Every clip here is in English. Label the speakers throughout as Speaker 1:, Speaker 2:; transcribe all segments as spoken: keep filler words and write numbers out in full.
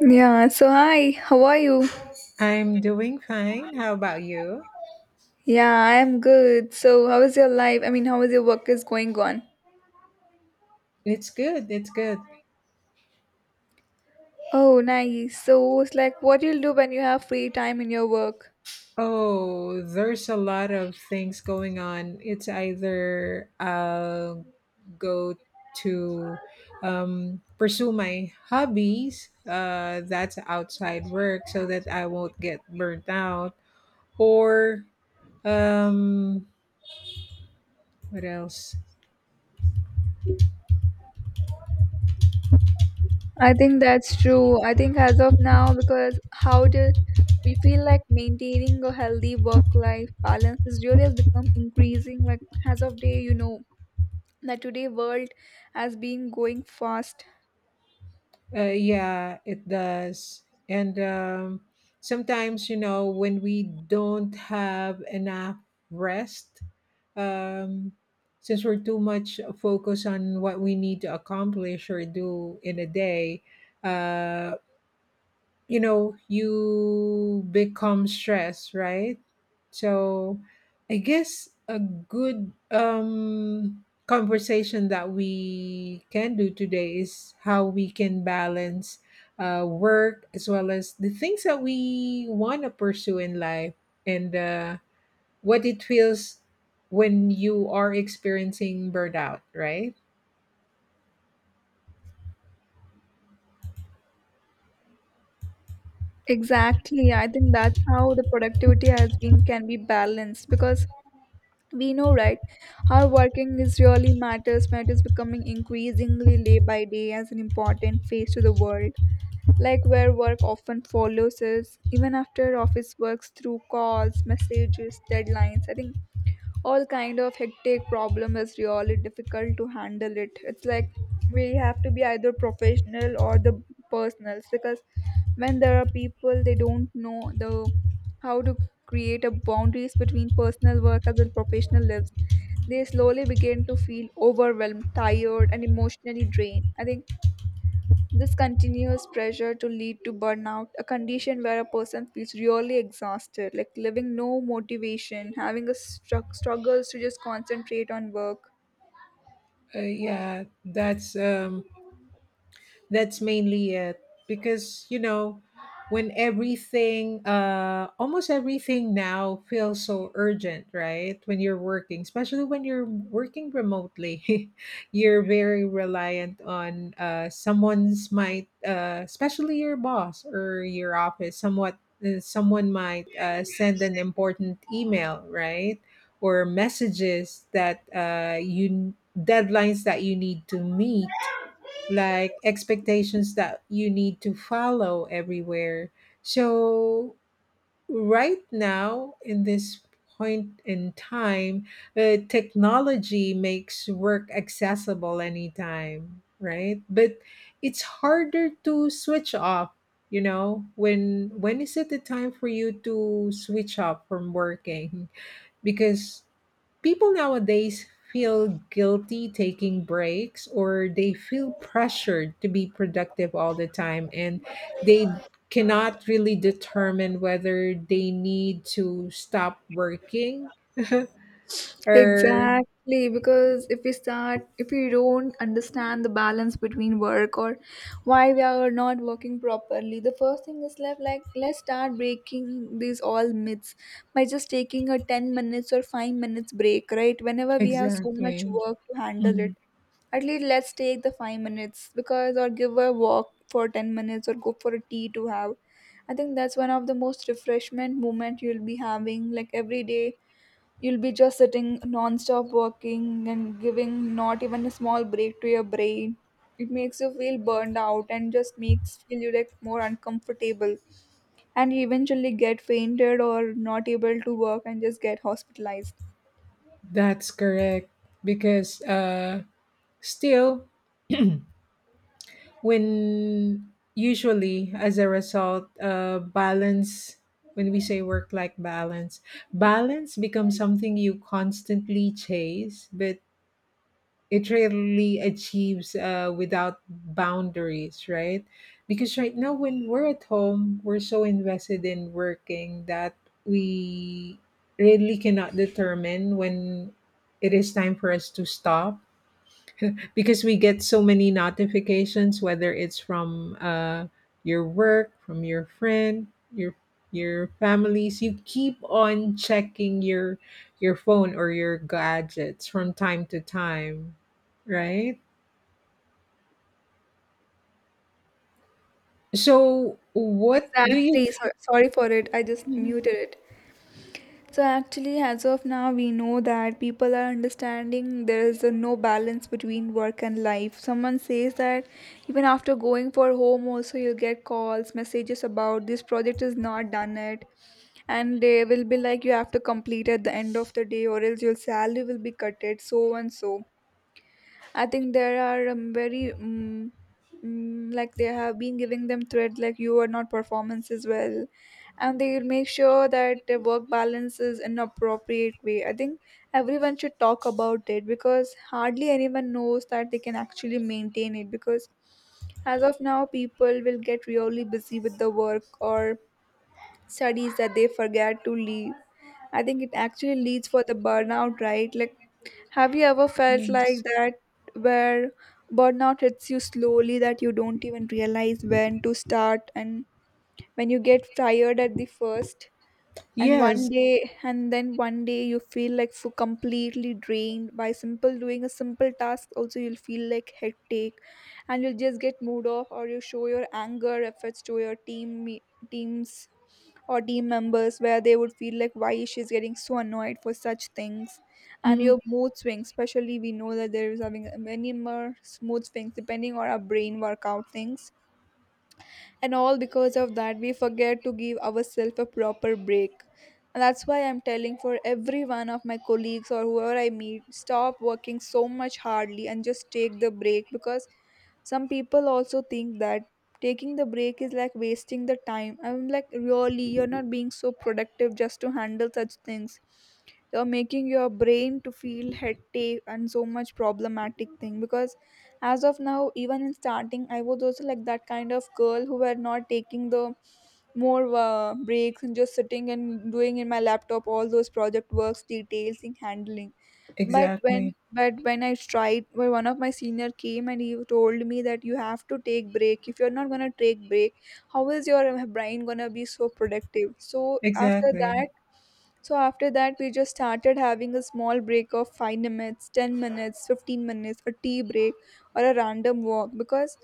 Speaker 1: Yeah, so hi, how are you?
Speaker 2: I'm doing fine. How about you?
Speaker 1: Yeah, I am good. So, how is your life? I mean, how is your work is going on?
Speaker 2: It's good. It's good.
Speaker 1: Oh, nice. So, it's like what you'll do when you have free time in your work.
Speaker 2: Oh, there's a lot of things going on. It's either I'll go to um, pursue my hobbies uh, that's outside work so that I won't get burnt out, or um, what else?
Speaker 1: I think that's true. I think as of now, because how do we feel like maintaining a healthy work-life balance is really has become increasing. Like as of day, you know that today world has been going fast.
Speaker 2: Uh, yeah, it does. And um, sometimes, you know, when we don't have enough rest, um, since we're too much focused on what we need to accomplish or do in a day, uh, you know you become stressed, right? So I guess a good um conversation that we can do today is how we can balance uh, work as well as the things that we want to pursue in life, and uh, what it feels when you are experiencing burnout, right?
Speaker 1: Exactly. I think that's how the productivity has been can be balanced because we know, right, how working is really matters matters becoming increasingly day by day as an important face to the world, like where work often follows us even after office works through calls, messages, deadlines. I think all kind of hectic problem is really difficult to handle it it's like we have to be either professional or the personals because when there are people they don't know the how to create a boundaries between personal work as well professional lives. They slowly begin to feel overwhelmed, tired and emotionally drained. I think this continuous pressure to lead to burnout, a condition where a person feels really exhausted, like living no motivation, having a stru- struggles to just concentrate on work.
Speaker 2: uh, yeah, that's um that's mainly it, because you know when everything uh almost everything now feels so urgent, right? When you're working, especially when you're working remotely, you're very reliant on uh someone's might uh especially your boss or your office somewhat, uh, someone might uh, send an important email, right? Or messages that uh, you deadlines that you need to meet, like expectations that you need to follow everywhere. So, right now, in this point in time, uh, technology makes work accessible anytime, right? But it's harder to switch off. You know, when when is it the time for you to switch off from working? Because people nowadays feel guilty taking breaks or they feel pressured to be productive all the time, and they cannot really determine whether they need to stop working, or
Speaker 1: Exactly, because if we start, if we don't understand the balance between work or why we are not working properly, the first thing is left like let's start breaking these all myths by just taking a ten minutes or five minutes break, right? Whenever we have so much
Speaker 2: exactly.
Speaker 1: work to handle it,
Speaker 2: Mhm.
Speaker 1: at least let's take the five minutes because or give a walk for ten minutes or go for a tea to have. I think that's one of the most refreshment moment you'll be having like every day. You'll be just sitting non-stop working and giving not even a small break to your brain. It makes you feel burned out and just makes feel you like more uncomfortable. And you eventually get fainted or not able to work and just get hospitalized.
Speaker 2: That's correct, because uh still when usually as a result uh, balance, when we say work life balance, balance becomes something you constantly chase, but it rarely achieves uh, without boundaries, right? Because right now when we're at home we're so invested in working that we really cannot determine when it is time for us to stop, because we get so many notifications, whether it's from uh, your work, from your friend, your your families. You keep on checking your your phone or your gadgets from time to time, right? So what do you
Speaker 1: Exactly. So, sorry for it. I just
Speaker 2: th-
Speaker 1: muted it. So actually, as of now, we know that people are understanding there is a no balance between work and life. Someone says that even after going for home, also you'll get calls, messages about this project is not done yet, and they will be like you have to complete at the end of the day, or else your salary will be cutted, so and so. I think there are um, very um, mm, like they have been giving them threat like you are not performance as well, and they make sure that their work balance is in appropriate way. I think everyone should talk about it because hardly anyone knows that they can actually maintain it because as of now people will get really busy with the work or studies that they forget to leave. I think it actually leads for the burnout, right? Like, have you ever felt like
Speaker 2: yes,
Speaker 1: that where burnout hits you slowly that you don't even realize when to start and when you get tired at the first and one
Speaker 2: yes.
Speaker 1: day and then one day you feel like so completely drained by simple doing a simple task also you'll feel like headache and you'll just get moved off or you show your anger efforts to your team me- teams or team members where they would feel like why she's getting so annoyed for such things. And
Speaker 2: Mhm.
Speaker 1: your mood swings, especially we know that there is having many more mood swings depending on our brain workout things, and all because of that we forget to give ourselves a proper break. And that's why I'm telling for every one of my colleagues or whoever I meet, stop working so much hardly and just take the break because some people also think that taking the break is like wasting the time. I'm like, really, you're not being so productive just to handle such things. You're making your brain to feel hectic and so much problematic thing because as of now, even in starting, I was also like that kind of girl who were not taking the more uh, breaks and just sitting and doing in my laptop all those project works, details, and handling but when
Speaker 2: Exactly,
Speaker 1: but when I tried when one of my senior came and he told me that you have to take break. If you're not going to take break, how is your brain going to be so productive? so after that
Speaker 2: exactly.
Speaker 1: so after that we just started having a small break of five minutes, ten minutes, fifteen minutes, a tea break or a random walk because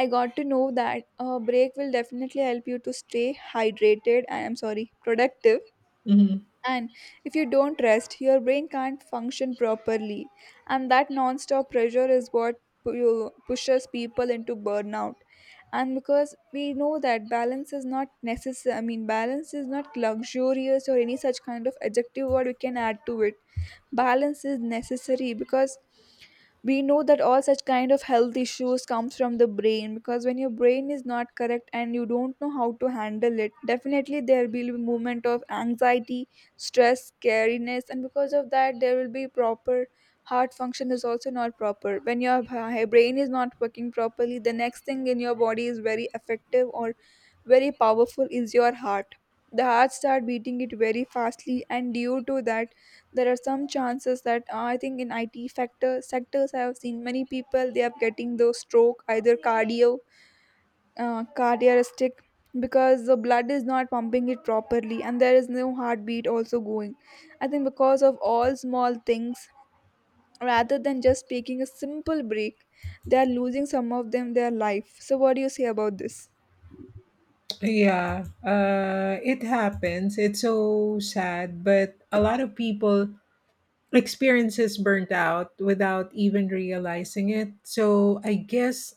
Speaker 1: I got to know that a break will definitely help you to stay hydrated. I am sorry, productive.
Speaker 2: Mhm.
Speaker 1: And if you don't rest, your brain can't function properly. And that non-stop pressure is what pu- you- pushes people into burnout. And because we know that balance is not necessary, I mean, balance is not luxurious or any such kind of adjective word we can add to it. Balance is necessary because we know that all such kind of health issues comes from the brain because when your brain is not correct and you don't know how to handle it, definitely there will be movement of anxiety, stress, scariness, and because of that there will be proper heart function is also not proper. When your b- brain is not working properly, the next thing in your body is very effective or very powerful is your heart. The heart start beating it very fastly and due to that there are some chances that uh, I think in IT factor sectors I have seen many people they are getting those stroke, either cardio uh, cardiac, because the blood is not pumping it properly and there is no heartbeat also going. I think because of all small things rather than just taking a simple break, they are losing some of them their life. So what do you say about this?
Speaker 2: Yeah, uh it happens. It's so sad, but a lot of people experiences burnt out without even realizing it. So I guess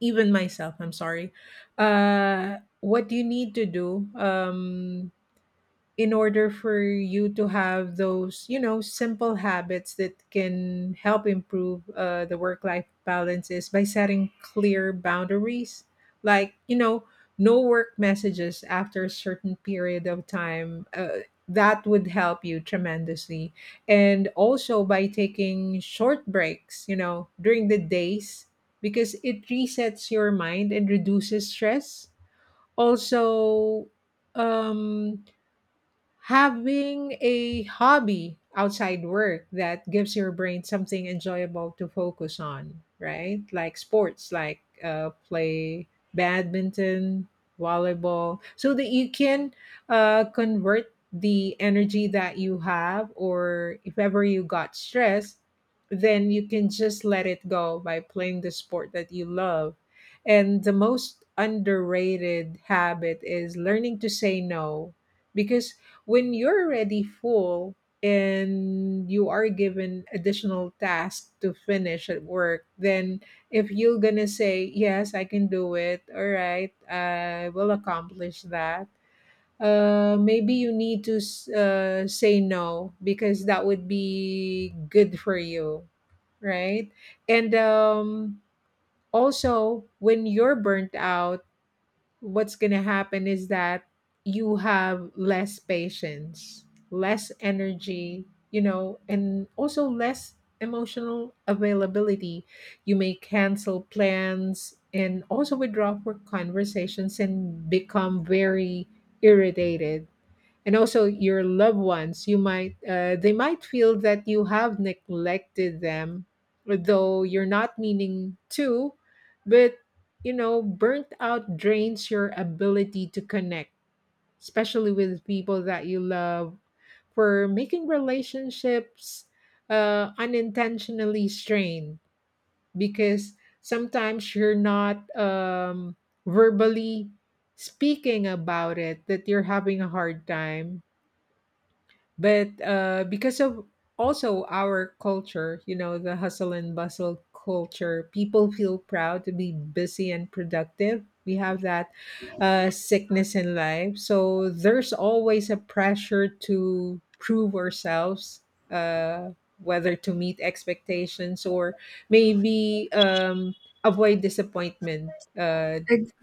Speaker 2: even myself, I'm sorry. Uh, what you need to do um, in order for you to have those, you know, simple habits that can help improve uh, the work life balance, is by setting clear boundaries, like you know, no work messages after a certain period of time. uh, that would help you tremendously, and also by taking short breaks, you know, during the days, because it resets your mind and reduces stress. Also, um having a hobby outside work that gives your brain something enjoyable to focus on, right? Like sports, like uh, play badminton, volleyball, so that you can uh, convert the energy that you have, or if ever you got stressed, then you can just let it go by playing the sport that you love. And the most underrated habit is learning to say no, because when you're already full and you are given additional tasks to finish at work, then if you're gonna say, "Yes, I can do it, all right, I will accomplish that." Uh, maybe you need to s- uh, say no, because that would be good for you, right? And um, also, when you're burnt out, what's going to happen is that you have less patience, less energy, you know, and also less emotional availability. You may cancel plans and also withdraw for conversations and become very irritated, and also your loved ones, you might uh, they might feel that you have neglected them, though you're not meaning to. But you know, burnt out drains your ability to connect, especially with people that you love, for making relationships uh, unintentionally strained, because sometimes you're not um, verbally speaking about it that you're having a hard time. But uh, because of also our culture, you know, the hustle and bustle culture, people feel proud to be busy and productive. We have that uh, sickness in life, so there's always a pressure to prove ourselves, uh, whether to meet expectations, or maybe um, avoid disappointment, uh,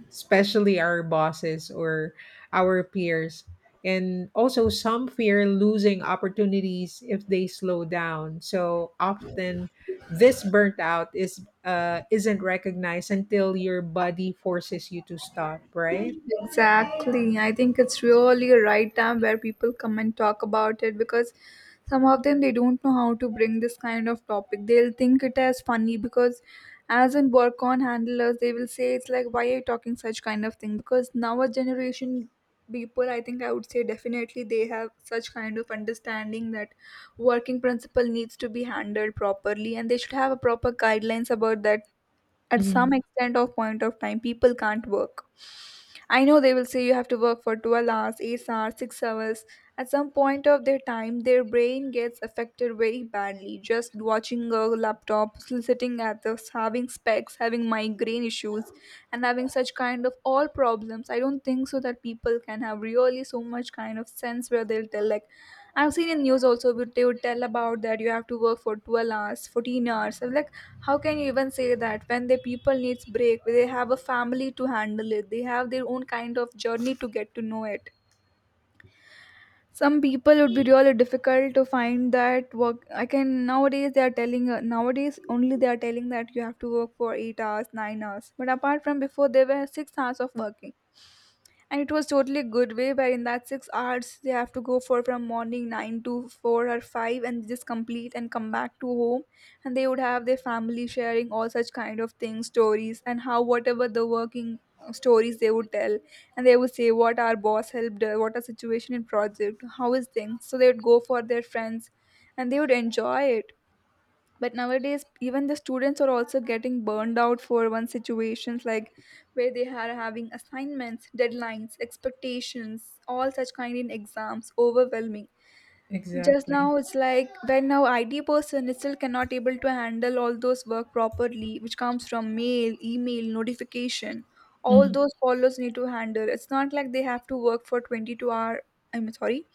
Speaker 2: especially our bosses or our peers, and also some fear losing opportunities if they slow down. So often this burnt out is uh, isn't recognized until your body forces you to stop, right?
Speaker 1: Exactly. I think it's really a right time where people come and talk about it because some of them they don't know how to bring this kind of topic. They'll think it as funny because as in work on handlers they will say it's like why are you talking such kind of thing? Because now a generation people, I think I would say definitely they have such kind of understanding that working principle needs to be handled properly and they should have a proper guidelines about that at some
Speaker 2: Mm,
Speaker 1: extent of point of time people can't work. I know they will say you have to work for twelve hours, eight hours, six hours. At some point of their time, their brain gets affected very badly. Just watching a laptop, sitting at this, having specs, having migraine issues, and having such kind of all problems. I don't think so that people can have really so much kind of sense where they'll tell like, I've seen in news also would- they would tell about that you have to work for twelve hours, fourteen hours. I'm like, how can you even say that when the people needs break? They have a family to handle it. They have their own kind of journey to get to know it. Some people would be really difficult to find that work. I can nowadays they are telling uh, nowadays only they are telling that you have to work for eight hours, nine hours. But apart from before, there were six hours of working and it was totally good way where in that six hours they have to go for from morning nine to four or five and just complete and come back to home and they would have their family sharing all such kind of things, stories, and how whatever the working uh, stories they would tell and they would say what our boss helped uh, what a situation in project how is things so they would go for their friends and they would enjoy it but nowadays even the students are also getting burned out for one situations like where they are having assignments, deadlines, expectations, all such kind in exams overwhelming. Just
Speaker 2: exactly.
Speaker 1: now it's like when our I T person is still cannot able to handle all those work properly which comes from mail, email notification, all
Speaker 2: Mm,
Speaker 1: those followers need to handle, it's not like they have to work for twenty-two hour, I'm sorry,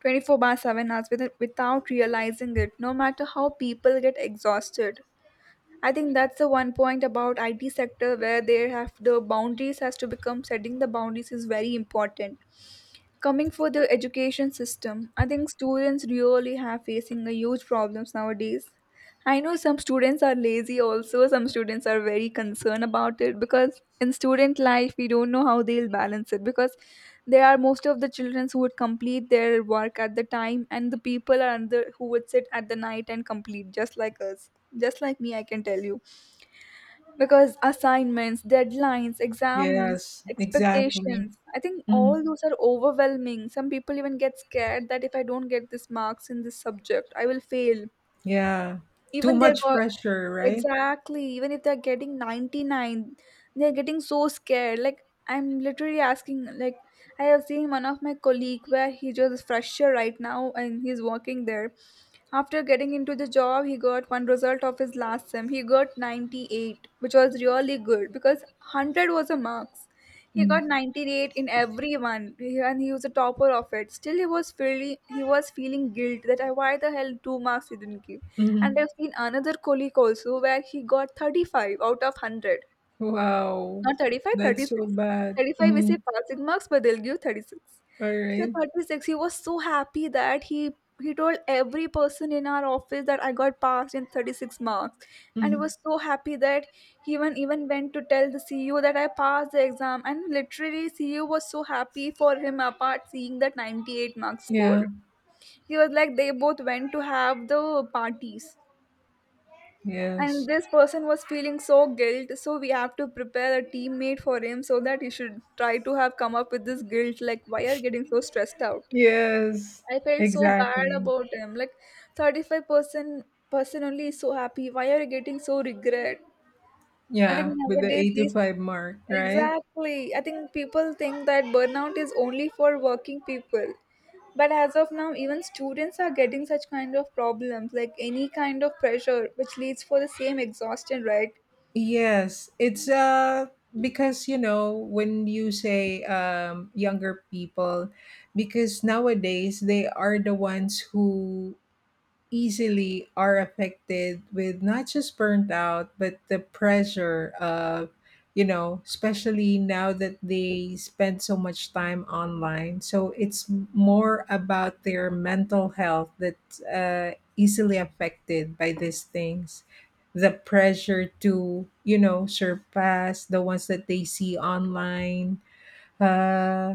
Speaker 1: twenty-four by seven hours with, without realizing it no matter how people get exhausted. I think that's the one point about it sector where they have the boundaries has to become setting the boundaries is very important. Coming for the education system, I think students really have facing a huge problems nowadays. I know some students are lazy also, some students are very concerned about it because in student life we don't know how they'll balance it because there are most of the children who would complete their work at the time and the people are under who would sit at the night and complete just like us. Just like me, I can tell you because assignments, deadlines, exams,
Speaker 2: yes, exactly.
Speaker 1: expectations, I think all
Speaker 2: Mm,
Speaker 1: those are overwhelming. Some people even get scared that if I don't get this marks in this subject, I will fail.
Speaker 2: yeah. Too
Speaker 1: Even they're
Speaker 2: much
Speaker 1: go
Speaker 2: pressure, right?
Speaker 1: exactly, even if they're getting ninety-nine, they're getting so scared. Like I'm literally asking, like I have seen one of my colleague where he just fresher right now and he's working there. After getting into the job, he got one result of his last sem. He got ninety-eight, which was really good because one hundred was a marks. He got
Speaker 2: Mm,
Speaker 1: ninety-eight in everyone he- and he was a topper of it. Still he was feeling he was feeling guilt that I why the hell two marks he didn't give. And
Speaker 2: mm.
Speaker 1: I've seen another colleague also where he got thirty-five out of one hundred
Speaker 2: Wow.
Speaker 1: not thirty five, thirty
Speaker 2: That's so bad.
Speaker 1: thirty-five we say
Speaker 2: Mm,
Speaker 1: passing marks, but they'll give thirty-six.
Speaker 2: all
Speaker 1: So
Speaker 2: right.
Speaker 1: thirty-six, he was so happy that he he told every person in our office that I got passed in thirty-six marks. And he
Speaker 2: Mm,
Speaker 1: was so happy that he even even went to tell the C U that I passed the exam. And literally C U was so happy for him apart seeing that ninety-eight marks score.
Speaker 2: yeah.
Speaker 1: He was like they both went to have the parties. And
Speaker 2: Yes.
Speaker 1: this person was feeling so guilt, so we have to prepare a teammate for him so that he should try to have come up with this guilt. Like, why are you getting so stressed out?
Speaker 2: Yes.
Speaker 1: I felt so bad
Speaker 2: Exactly.
Speaker 1: about him. Like, thirty-five person person only is so happy. Why are you getting so regret? I think
Speaker 2: Yeah, with the
Speaker 1: nowadays these
Speaker 2: eighty-five mark, right?
Speaker 1: exactly. I think people think that burnout is only for working people. But as of now, even students are getting such kind of problems, like any kind of pressure, which leads for the same exhaustion, right?
Speaker 2: Yes, it's uh because you know when you say um younger people, because nowadays they are the ones who easily are affected with not just burnt out, but the pressure of, you know, especially now that they spend so much time online, so it's more about their mental health that's uh, easily affected by these things, the pressure to, you know, surpass the ones that they see online. uh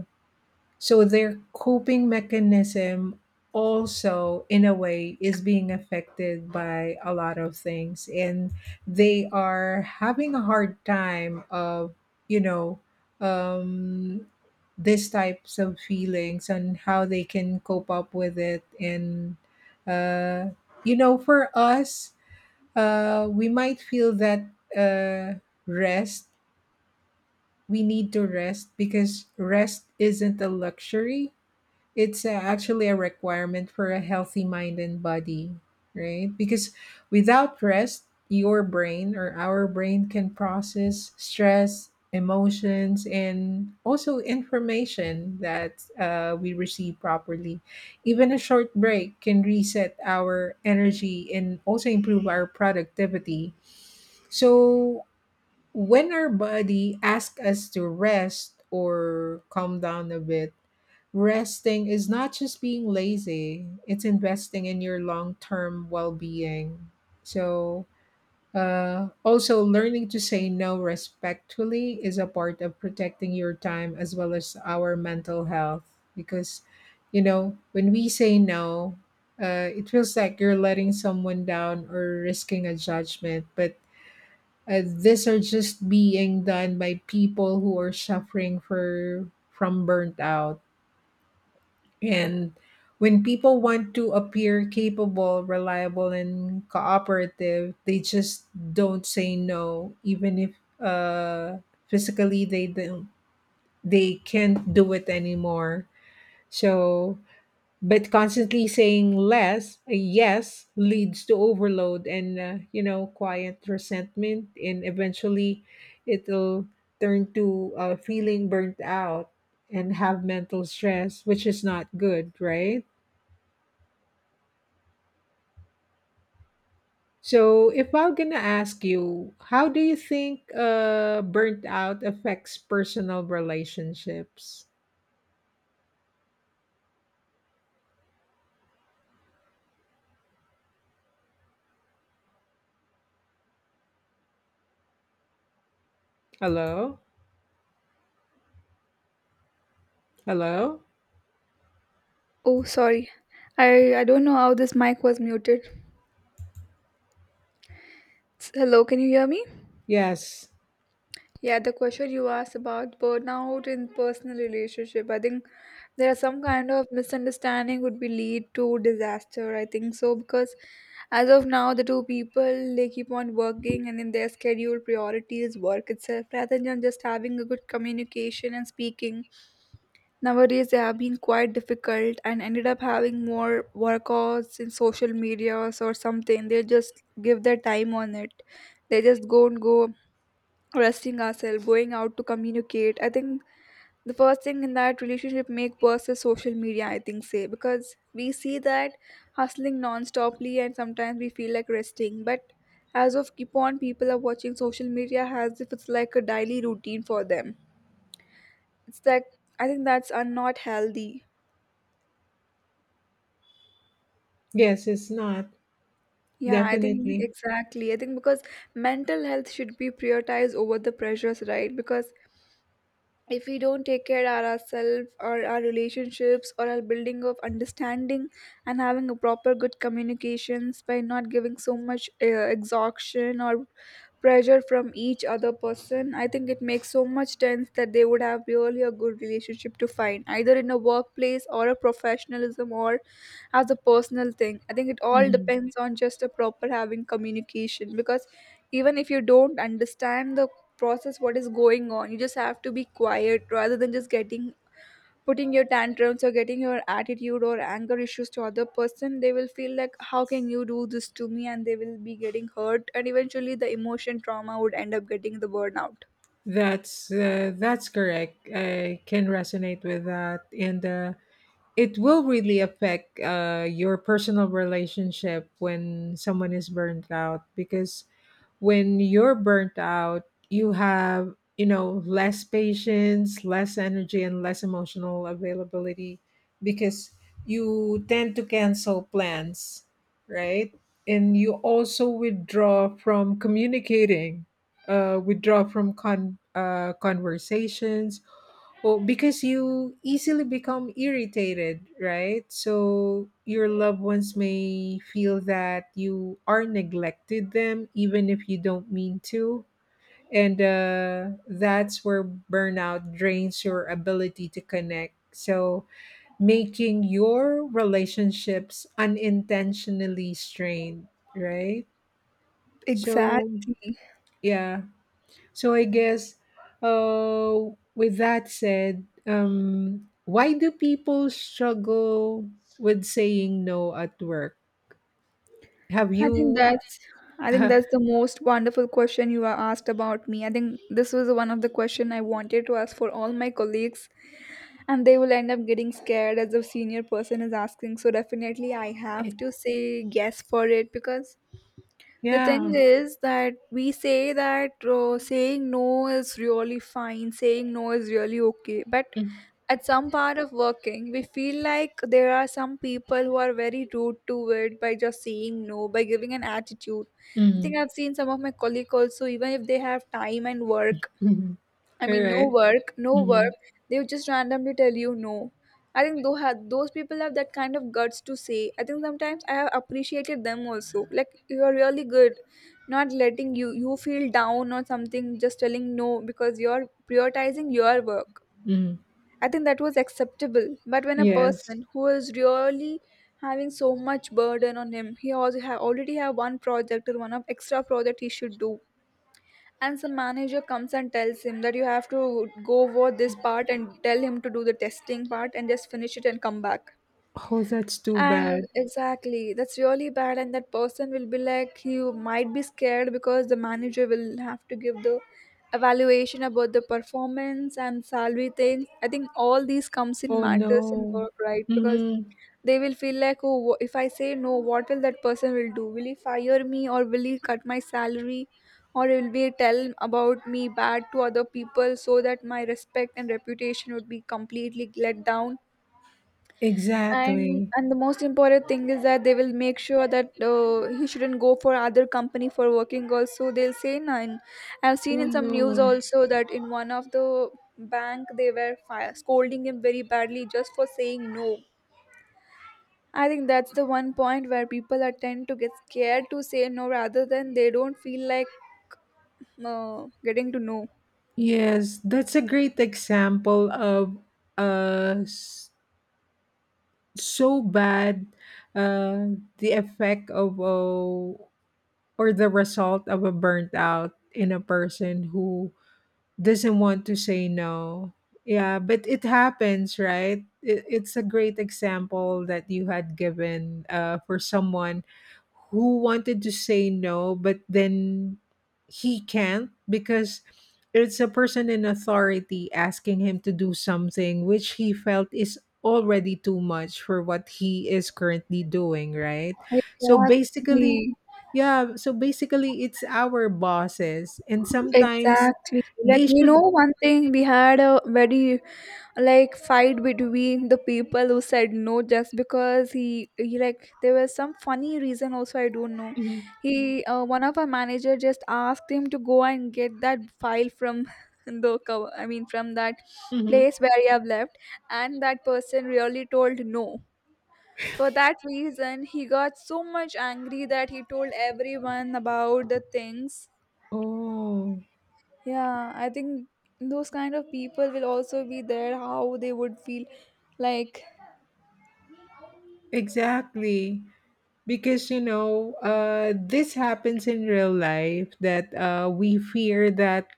Speaker 2: so their coping mechanism also in a way is being affected by a lot of things, and they are having a hard time of, you know, um these types of feelings and how they can cope up with it. And uh you know, for us, uh we might feel that uh rest, we need to rest, because rest isn't a luxury. It's uh, actually a requirement for a healthy mind and body, right? Because without rest, your brain or our brain can process stress, emotions, and also information that uh, we receive properly. Even a short break can reset our energy and also improve our productivity. So, when our body asks us to rest or calm down a bit, resting is not just being lazy, it's investing in your long term well being. So, uh, also, learning to say no respectfully is a part of protecting your time as well as our mental health. Because, you know, when we say no, uh, it feels like you're letting someone down or risking a judgment. But uh, these are just being done by people who are suffering for from burnt out. And when people want to appear capable, reliable, and cooperative, they just don't say no, even if uh, physically they don't, they can't do it anymore. So but constantly saying less uh, yes leads to overload and, uh, you know, quiet resentment, and eventually it'll turn to uh, feeling burnt out and have mental stress, which is not good, right? So if I'm gonna ask you, how do you think uh, burnt out affects personal relationships? Hello? Hello?
Speaker 1: Oh, sorry. I I don't know how this mic was muted. S- Hello, can you hear me?
Speaker 2: Yes.
Speaker 1: Yeah, the question you asked about burnout in personal relationship. I think there are some kind of misunderstanding would be lead to disaster. I think so because as of now, the two people they keep on working and in their schedule priority is work itself rather than just having a good communication and speaking. Nowadays, they have been quite difficult and ended up having more workouts in social medias or something. They just give their time on it. They just go and go resting ourselves, going out to communicate. I think the first thing in that relationship make worse is social media, I think say, because we see that hustling non-stoply and sometimes we feel like resting. But as of keep on, people are watching social media as if it's like a daily routine for them. It's like I think that's are not healthy.
Speaker 2: Yes, it's not.
Speaker 1: Yeah, I think
Speaker 2: Definitely.
Speaker 1: exactly. I think because mental health should be prioritized over the pressures, right? Because if we don't take care of ourselves or our relationships or our building of understanding and having a proper good communications by not giving so much uh, exhaustion or pressure from each other person, I think it makes so much sense that they would have really a good relationship to find either in a workplace or a professionalism or as a personal thing. I think it all
Speaker 2: Mm-hmm.
Speaker 1: depends on just a proper having communication because even if you don't understand the process what is going on, you just have to be quiet rather than just getting putting your tantrums or getting your attitude or anger issues to other person, they will feel like how can you do this to me and they will be getting hurt and eventually the emotion trauma would end up getting the burnout
Speaker 2: That's uh, that's correct. I can resonate with that, and uh, it will really affect uh, your personal relationship when someone is burnt out, because when you're burnt out you have, you know, less patience, less energy, and less emotional availability, because you tend to cancel plans, right, and you also withdraw from communicating, uh, withdraw from con- uh, conversations, well, because you easily become irritated, right? So your loved ones may feel that you are neglected them, even if you don't mean to. And uh, that's where burnout drains your ability to connect. So making your relationships unintentionally strained, right? So,
Speaker 1: exactly.
Speaker 2: yeah. So I guess, uh, with that said, um, why do people struggle with saying no at work? Have
Speaker 1: i think
Speaker 2: you?
Speaker 1: that's i think
Speaker 2: Uh,
Speaker 1: that's the most wonderful question you are asked about me. I think this was one of the question I wanted to ask for all my colleagues, and they will end up getting scared as the senior person is asking, so definitely I have to say yes for it. Because the thing
Speaker 2: yeah.
Speaker 1: is that we say that uh, saying no is really fine, saying no is really okay, but at some part of working we feel like there are some people who are very rude to it by just saying no by giving an attitude. I
Speaker 2: Mm-hmm.
Speaker 1: think I've seen some of my colleagues also, even if they have time and work,
Speaker 2: Mm-hmm.
Speaker 1: I
Speaker 2: All
Speaker 1: mean, no
Speaker 2: right.
Speaker 1: work, no
Speaker 2: Mm-hmm.
Speaker 1: work. They would just randomly tell you no. I think those have, those people have that kind of guts to say. I think sometimes I have appreciated them also. Like you are really good, not letting you you feel down or something, just telling no because you're prioritizing your work.
Speaker 2: Mm-hmm.
Speaker 1: I think that was acceptable. But when a
Speaker 2: Yes.
Speaker 1: person who is really having so much burden on him, he also have already have one project or one of extra project he should do, and some manager comes and tells him that you have to go over this part and tell him to do the testing part and just finish it and come back,
Speaker 2: Oh, that's too
Speaker 1: and
Speaker 2: bad.
Speaker 1: exactly that's really bad and that person will be like he might be scared because the manager will have to give the evaluation about the performance and salary things. I think all these comes in
Speaker 2: Oh
Speaker 1: matters in
Speaker 2: no.
Speaker 1: work, right? Because
Speaker 2: Mm-hmm.
Speaker 1: they will feel like, oh, wh- if I say no, what will that person will do, will he fire me or will he cut my salary or will he tell about me bad to other people so that my respect and reputation would be completely let down. and
Speaker 2: Exactly.
Speaker 1: and the most important thing is that they will make sure that uh, he shouldn't go for other company for working also, they'll say none. I've seen
Speaker 2: Oh
Speaker 1: in some news
Speaker 2: no.
Speaker 1: also that in one of the bank they were fire, scolding him very badly just for saying no. I think that's the one point where people are tend to get scared to say no rather than they don't feel like uh, getting to know.
Speaker 2: Yes, that's a great example of us so bad, uh, the effect of a, or the result of a burnt out in a person who doesn't want to say no. Yeah, but it happens, right? It, it's a great example that you had given uh, for someone who wanted to say no, but then he can't because it's a person in authority asking him to do something which he felt is already too much for what he is currently doing, right? So basically,
Speaker 1: Exactly.
Speaker 2: yeah, so basically it's our bosses and sometimes
Speaker 1: Exactly. Like
Speaker 2: they
Speaker 1: you know
Speaker 2: should.
Speaker 1: one thing we had a very like fight between the people who said no just because he, he like there was some funny reason also, I don't know.
Speaker 2: Mhm,
Speaker 1: He uh, one of our manager just asked him to go and get that file from the cover, I mean from that
Speaker 2: mhm.
Speaker 1: place where you have left, and that person really told no. For that reason he got so much angry that he told everyone about the things.
Speaker 2: Oh,
Speaker 1: Yeah, I think those kind of people will also be there, how they would feel like,
Speaker 2: exactly. Because you know, uh, this happens in real life that uh, we fear that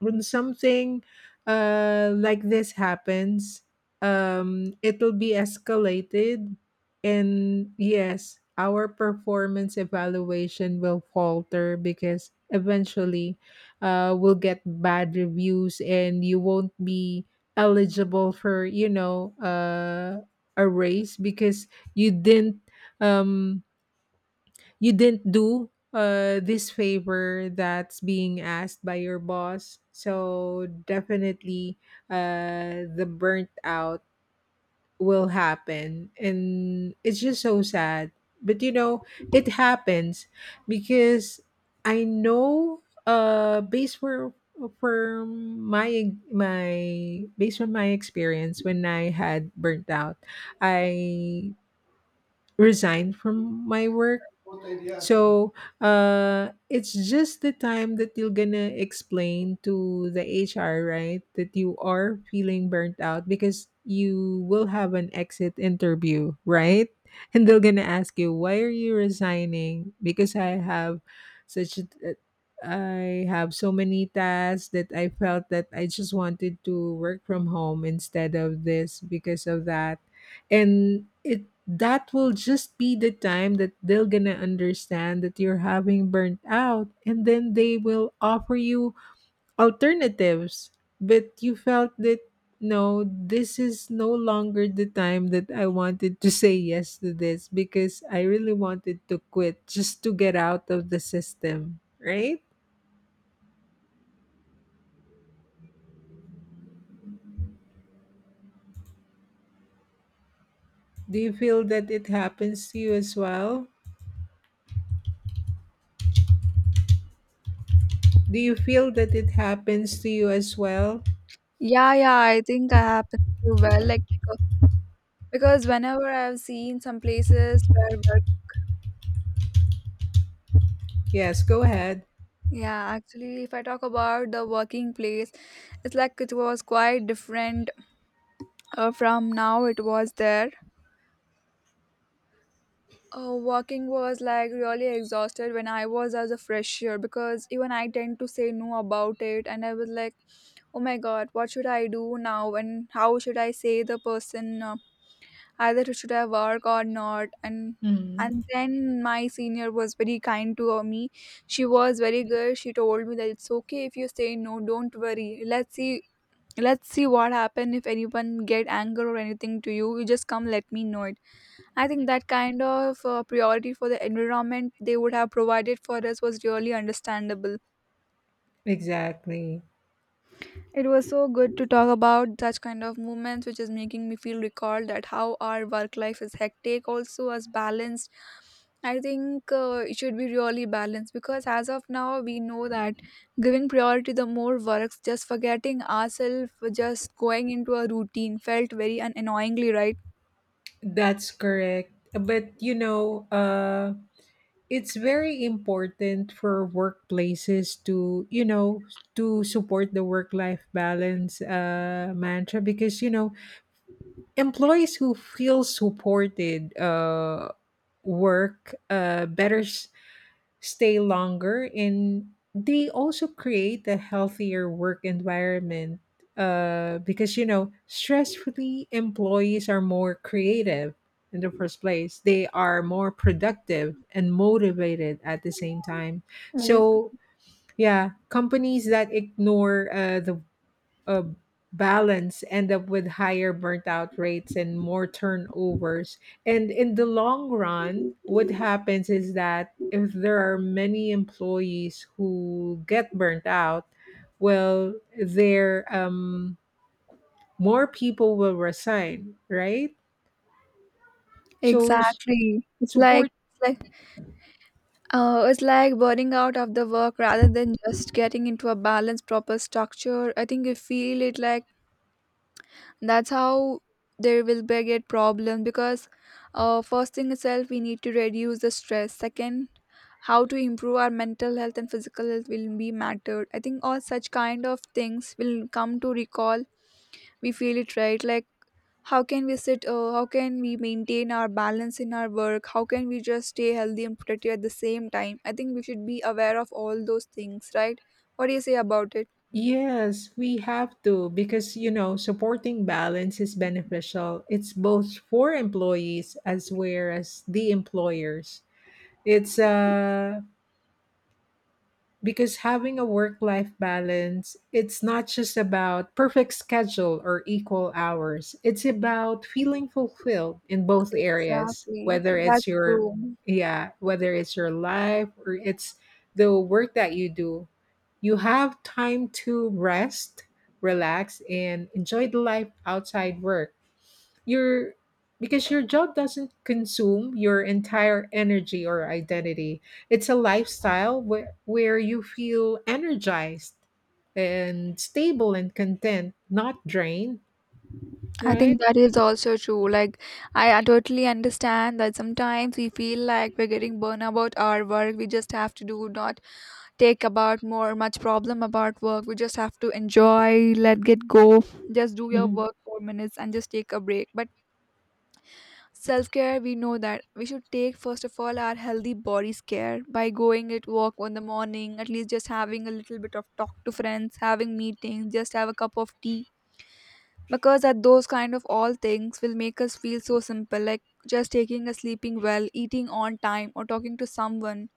Speaker 2: when something uh, like this happens, um, it'll be escalated. And yes, our performance evaluation will falter because eventually uh, we'll get bad reviews and you won't be eligible for, you know, uh, a raise because you didn't. Um, you didn't do uh, this favor that's being asked by your boss. So definitely uh, the burnt out will happen. And it's just so sad. But you know, it happens because I know uh based for from my my based on my experience, when I had burnt out, I resigned from my work. So uh, it's just the time that you're gonna explain to the H R, right, that you are feeling burnt out because you will have an exit interview, right? And they're gonna ask you, why are you resigning? Because I have such a, uh, I have so many tasks that I felt that I just wanted to work from home instead of this because of that. And it that will just be the time that they're gonna understand that you're having burnt out, and then they will offer you alternatives, but you felt that no, this is no longer the time that I wanted to say yes to this because I really wanted to quit just to get out of the system, right? Do you feel that it happens to you as well? Do you feel that it happens to you as well
Speaker 1: yeah, yeah, I think I happen to well, like, uh, because whenever I've seen some places where work,
Speaker 2: yes go ahead.
Speaker 1: yeah, actually, if I talk about the working place, it's like it was quite different uh, from now it was there. Uh, working was like really exhausted when I was as a fresher because even I tend to say no about it, and I was like, oh my god, what should I do now, and how should I say the person uh, either should I work or not, and
Speaker 2: Mhm.
Speaker 1: and then my senior was very kind to uh, me. She was very good. She told me that it's okay if you say no. Don't worry. Let's see. Let's see what happen if anyone get anger or anything to you. You just come let me know it. I think that kind of uh, priority for the environment they would have provided for us was really understandable.
Speaker 2: Exactly.
Speaker 1: It was so good to talk about such kind of movements, which is making me feel recalled that how our work life is hectic, also as balanced. I think uh, it should be really balanced because as of now we know that giving priority the more works, just forgetting ourselves, just going into a routine felt very un- annoyingly right.
Speaker 2: That's correct. But you know, uh, it's very important for workplaces to, you know, to support the work-life balance uh, mantra, because you know, employees who feel supported uh, work uh, better, stay longer, and they also create a healthier work environment, uh, because you know, stress-free employees are more creative in the first place. They are more productive and motivated at the same time.
Speaker 1: Okay.
Speaker 2: So yeah, companies that ignore uh, the uh, balance end up with higher burnt out rates and more turnovers. And in the long run, what happens is that if there are many employees who get burnt out, well, there um, more people will resign, right? So s-
Speaker 1: Exactly. It's like
Speaker 2: support.
Speaker 1: it's like Uh, it's like burning out of the work rather than just getting into a balanced, proper structure. I think you feel it like that's how there will be a great problem because uh, first thing itself, we need to reduce the stress. Second, how to improve our mental health and physical health will be mattered. I think all such kind of things will come to recall. We feel it right, like how can we sit uh, how can we maintain our balance in our work, how can we just stay healthy and productive at the same time? I think we should be aware of all those things, right? What do you say about it?
Speaker 2: Yes, we have to, because you know, supporting balance is beneficial. It's both for employees as well as the employers. It's uh because having a work-life balance, it's not just about perfect schedule or equal hours. It's about feeling fulfilled in both areas,
Speaker 1: Exactly,
Speaker 2: whether it's
Speaker 1: that's
Speaker 2: your
Speaker 1: true.
Speaker 2: yeah, whether it's your life or it's the work that you do. You have time to rest, relax, and enjoy the life outside work your because your job doesn't consume your entire energy or identity. It's a lifestyle where where you feel energized and stable and content, not drained,
Speaker 1: I think
Speaker 2: right?
Speaker 1: that is also true, like I uh, totally understand that sometimes we feel like we're getting burned about our work. We just have to do not take about more much problem about work, we just have to enjoy, let get go. Just do your
Speaker 2: Mhm.
Speaker 1: work for minutes and just take a break, but self care, we know that we should take first of all our healthy body's care by going at walk in the morning, at least just having a little bit of talk to friends, having meetings, just have a cup of tea. Because that those kind of all things will make us feel so simple, like just taking a sleeping well, eating on time, or talking to someone.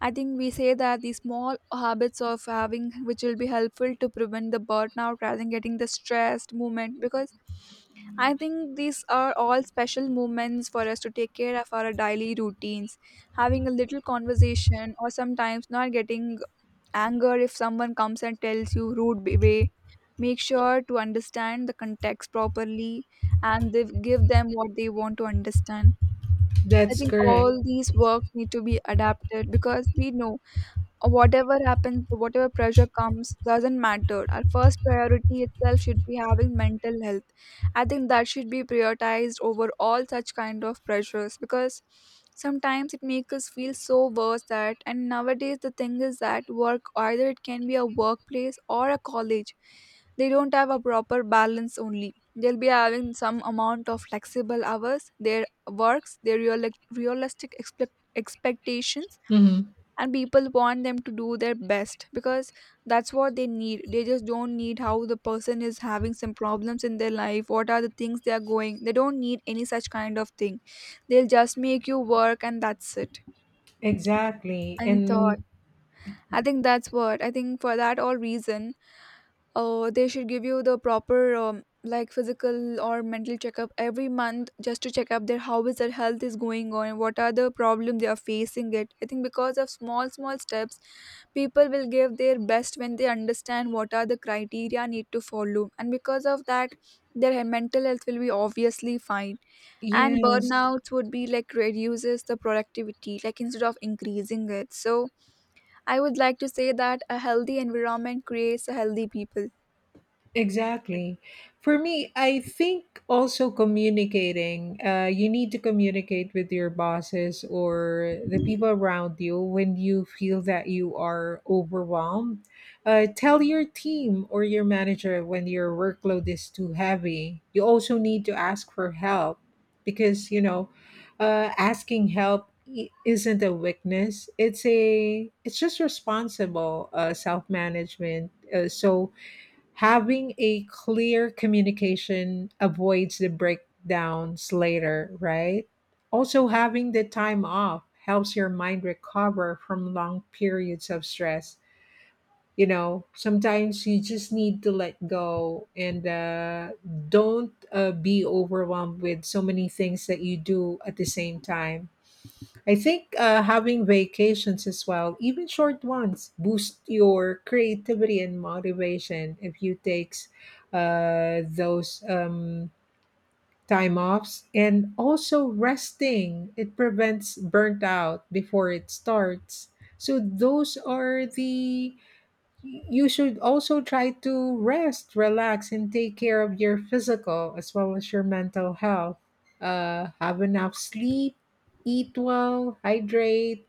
Speaker 1: I think we say that the small habits of having, which will be helpful to prevent the burnout rather than getting the stressed movement, because I think these are all special moments for us to take care of our daily routines. Having a little conversation, or sometimes not getting anger if someone comes and tells you rude b- way. Make sure to understand the context properly and they give them what they want to understand. I
Speaker 2: That's
Speaker 1: think
Speaker 2: correct.
Speaker 1: all these works need to be adapted because we know or whatever happens, whatever pressure comes, doesn't matter. Our first priority itself should be having mental health. I think that should be prioritized over all such kind of pressures, because sometimes it makes us feel so worse that, and nowadays the thing is that work, either it can be a workplace or a college, they don't have a proper balance only. They'll be having some amount of flexible hours, their works, their real, realistic expect, expectations,
Speaker 2: Mhm.
Speaker 1: and people want them to do their best because that's what they need. They just don't need how the person is having some problems in their life, what are the things they are going, they don't need any such kind of thing. They'll just make you work, and that's it.
Speaker 2: Exactly.
Speaker 1: And thought,
Speaker 2: And
Speaker 1: I think that's what I think for that all reason, uh, they should give you the proper um, like physical or mental checkup every month just to check up their how is their health is going on, what are the problem they are facing it. I think because of small small steps, people will give their best when they understand what are the criteria need to follow, and because of that their he- mental health will be obviously fine, and
Speaker 2: yes.
Speaker 1: burnouts would be like reduces the productivity like instead of increasing it. So I would like to say that a healthy environment creates a healthy people.
Speaker 2: Exactly. For me, I think also communicating, uh, you need to communicate with your bosses or the people around you when you feel that you are overwhelmed. Uh, tell your team or your manager when your workload is too heavy. You also need to ask for help, because, you know, uh, asking help i- isn't a weakness. It's a it's just responsible uh, self-management, uh, so having a clear communication avoids the breakdowns later, right? Also, having the time off helps your mind recover from long periods of stress. You know, sometimes you just need to let go and uh, don't uh, be overwhelmed with so many things that you do at the same time. I think uh, having vacations as well, even short ones, boost your creativity and motivation if you takes uh, those um, time offs. And also resting, it prevents burnt out before it starts. So those are the You should also try to rest, relax, and take care of your physical as well as your mental health. Uh, have enough sleep, eat well, hydrate,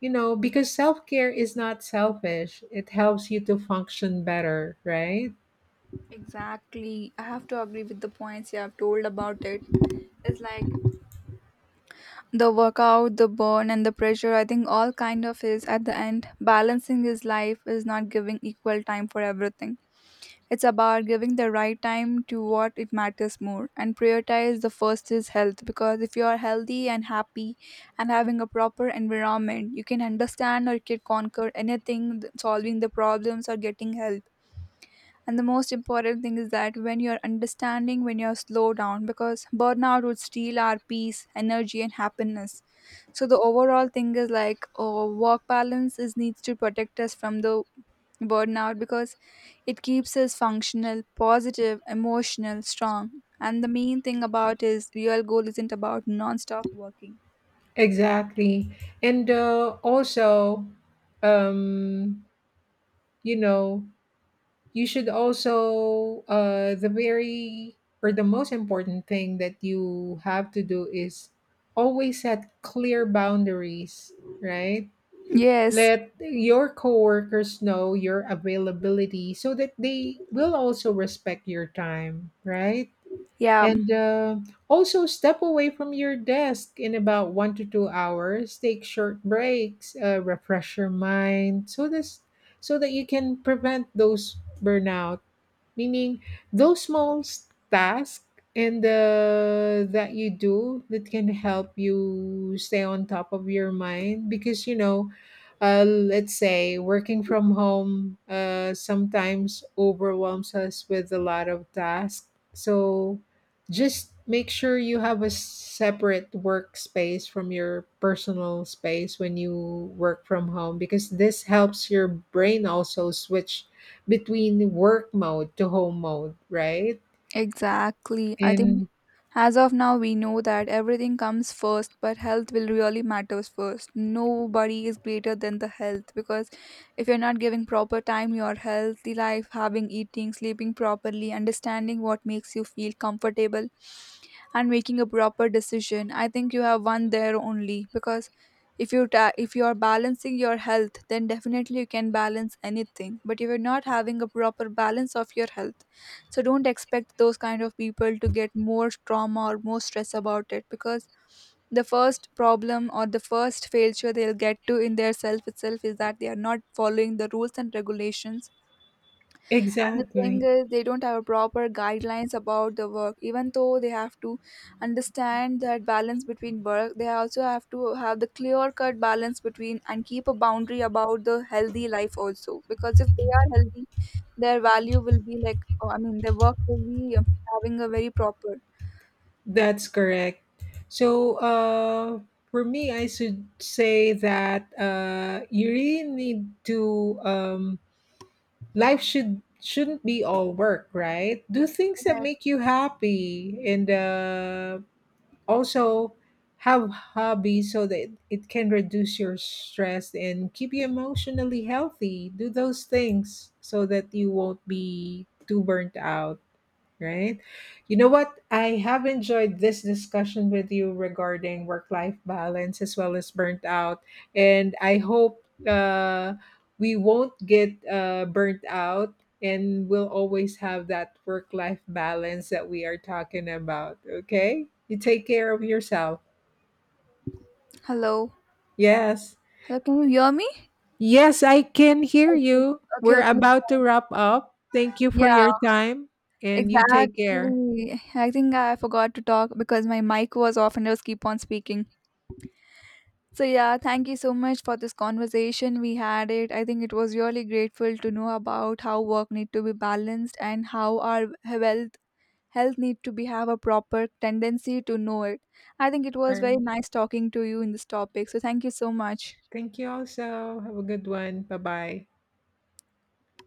Speaker 2: you know, because self care is not selfish. It helps you to function better, right?
Speaker 1: Exactly. I have to agree with the points you have told about it. It's like the workout, the burn and the pressure, I think all kind of is at the end balancing his life is not giving equal time for everything. It's about giving the right time to what it matters more, and prioritize the first is health, because if you are healthy and happy and having a proper environment, you can understand or you can conquer anything, solving the problems or getting help. And the most important thing is that when you're understanding when you're slow down, because burnout would steal our peace, energy and happiness. So the overall thing is like, oh, work balance is needs to protect us from the burnout, because it keeps us functional, positive, emotional, strong. And the main thing about is real goal isn't about non-stop working.
Speaker 2: Exactly. And uh, also, um, you know, you should also uh the very or the most important thing that you have to do is always set clear boundaries, right?
Speaker 1: Yes.
Speaker 2: Let your coworkers know your availability so that they will also respect your time, right?
Speaker 1: Yeah.
Speaker 2: And uh, also step away from your desk in about one to two hours, take short breaks, uh, refresh your mind, so this so that you can prevent those burnout. Meaning those small tasks and uh, that you do, that can help you stay on top of your mind, because you know, uh, let's say working from home uh, sometimes overwhelms us with a lot of tasks, so just make sure you have a separate workspace from your personal space when you work from home, because this helps your brain also switch between work mode to home mode, right?
Speaker 1: Exactly. I think
Speaker 2: And
Speaker 1: as of now, we know that everything comes first, but health will really matters first. Nobody is greater than the health, because if you're not giving proper time, your healthy life, having eating, sleeping properly, understanding what makes you feel comfortable, and making a proper decision, I think you have one there only. Because if you ta- if you are balancing your health, then definitely you can balance anything. But if you're not having a proper balance of your health, so don't expect those kind of people to get more trauma or more stress about it, because the first problem or the first failure they'll get to in their self itself is that they are not following the rules and regulations. And the thing
Speaker 2: exactly,
Speaker 1: is, they don't have proper guidelines about the work. Even though they have to understand that balance between work, they also have to have the clear cut balance between and keep a boundary about the healthy life also. Because if they are healthy, their value will be like, oh, I mean, their work will be uh, having a very proper.
Speaker 2: that's correct. So, uh, for me, I should say that uh, you really need to. Um, life should shouldn't be all work, right? Do things that
Speaker 1: Yes.
Speaker 2: make you happy, and uh, also, have hobbies so that it can reduce your stress and keep you emotionally healthy. Do those things so that you won't be too burnt out, right? You know what? I have enjoyed this discussion with you regarding work life balance as well as burnt out. And I hope uh, we won't get uh, burnt out, and we'll always have that work life balance that we are talking about. Okay? You take care of yourself.
Speaker 1: Hello.
Speaker 2: Yes.
Speaker 1: Hello, can you hear me?
Speaker 2: Yes, I can hear
Speaker 1: Okay.
Speaker 2: you.
Speaker 1: Okay.
Speaker 2: We're
Speaker 1: Okay,
Speaker 2: about to
Speaker 1: fine.
Speaker 2: wrap up. Thank you
Speaker 1: Yeah,
Speaker 2: for your time, and you take care.
Speaker 1: exactly. I think I forgot to talk because my mic was off and I was keep on speaking. So yeah, thank you so much for this conversation we had it. I think it was really grateful to know about how work need to be balanced and how our health health need to be have a proper tendency to know it. I think it
Speaker 2: All
Speaker 1: was very
Speaker 2: right.
Speaker 1: nice talking to you in this topic. So thank you so much.
Speaker 2: Thank you also. Have a good one. Bye bye.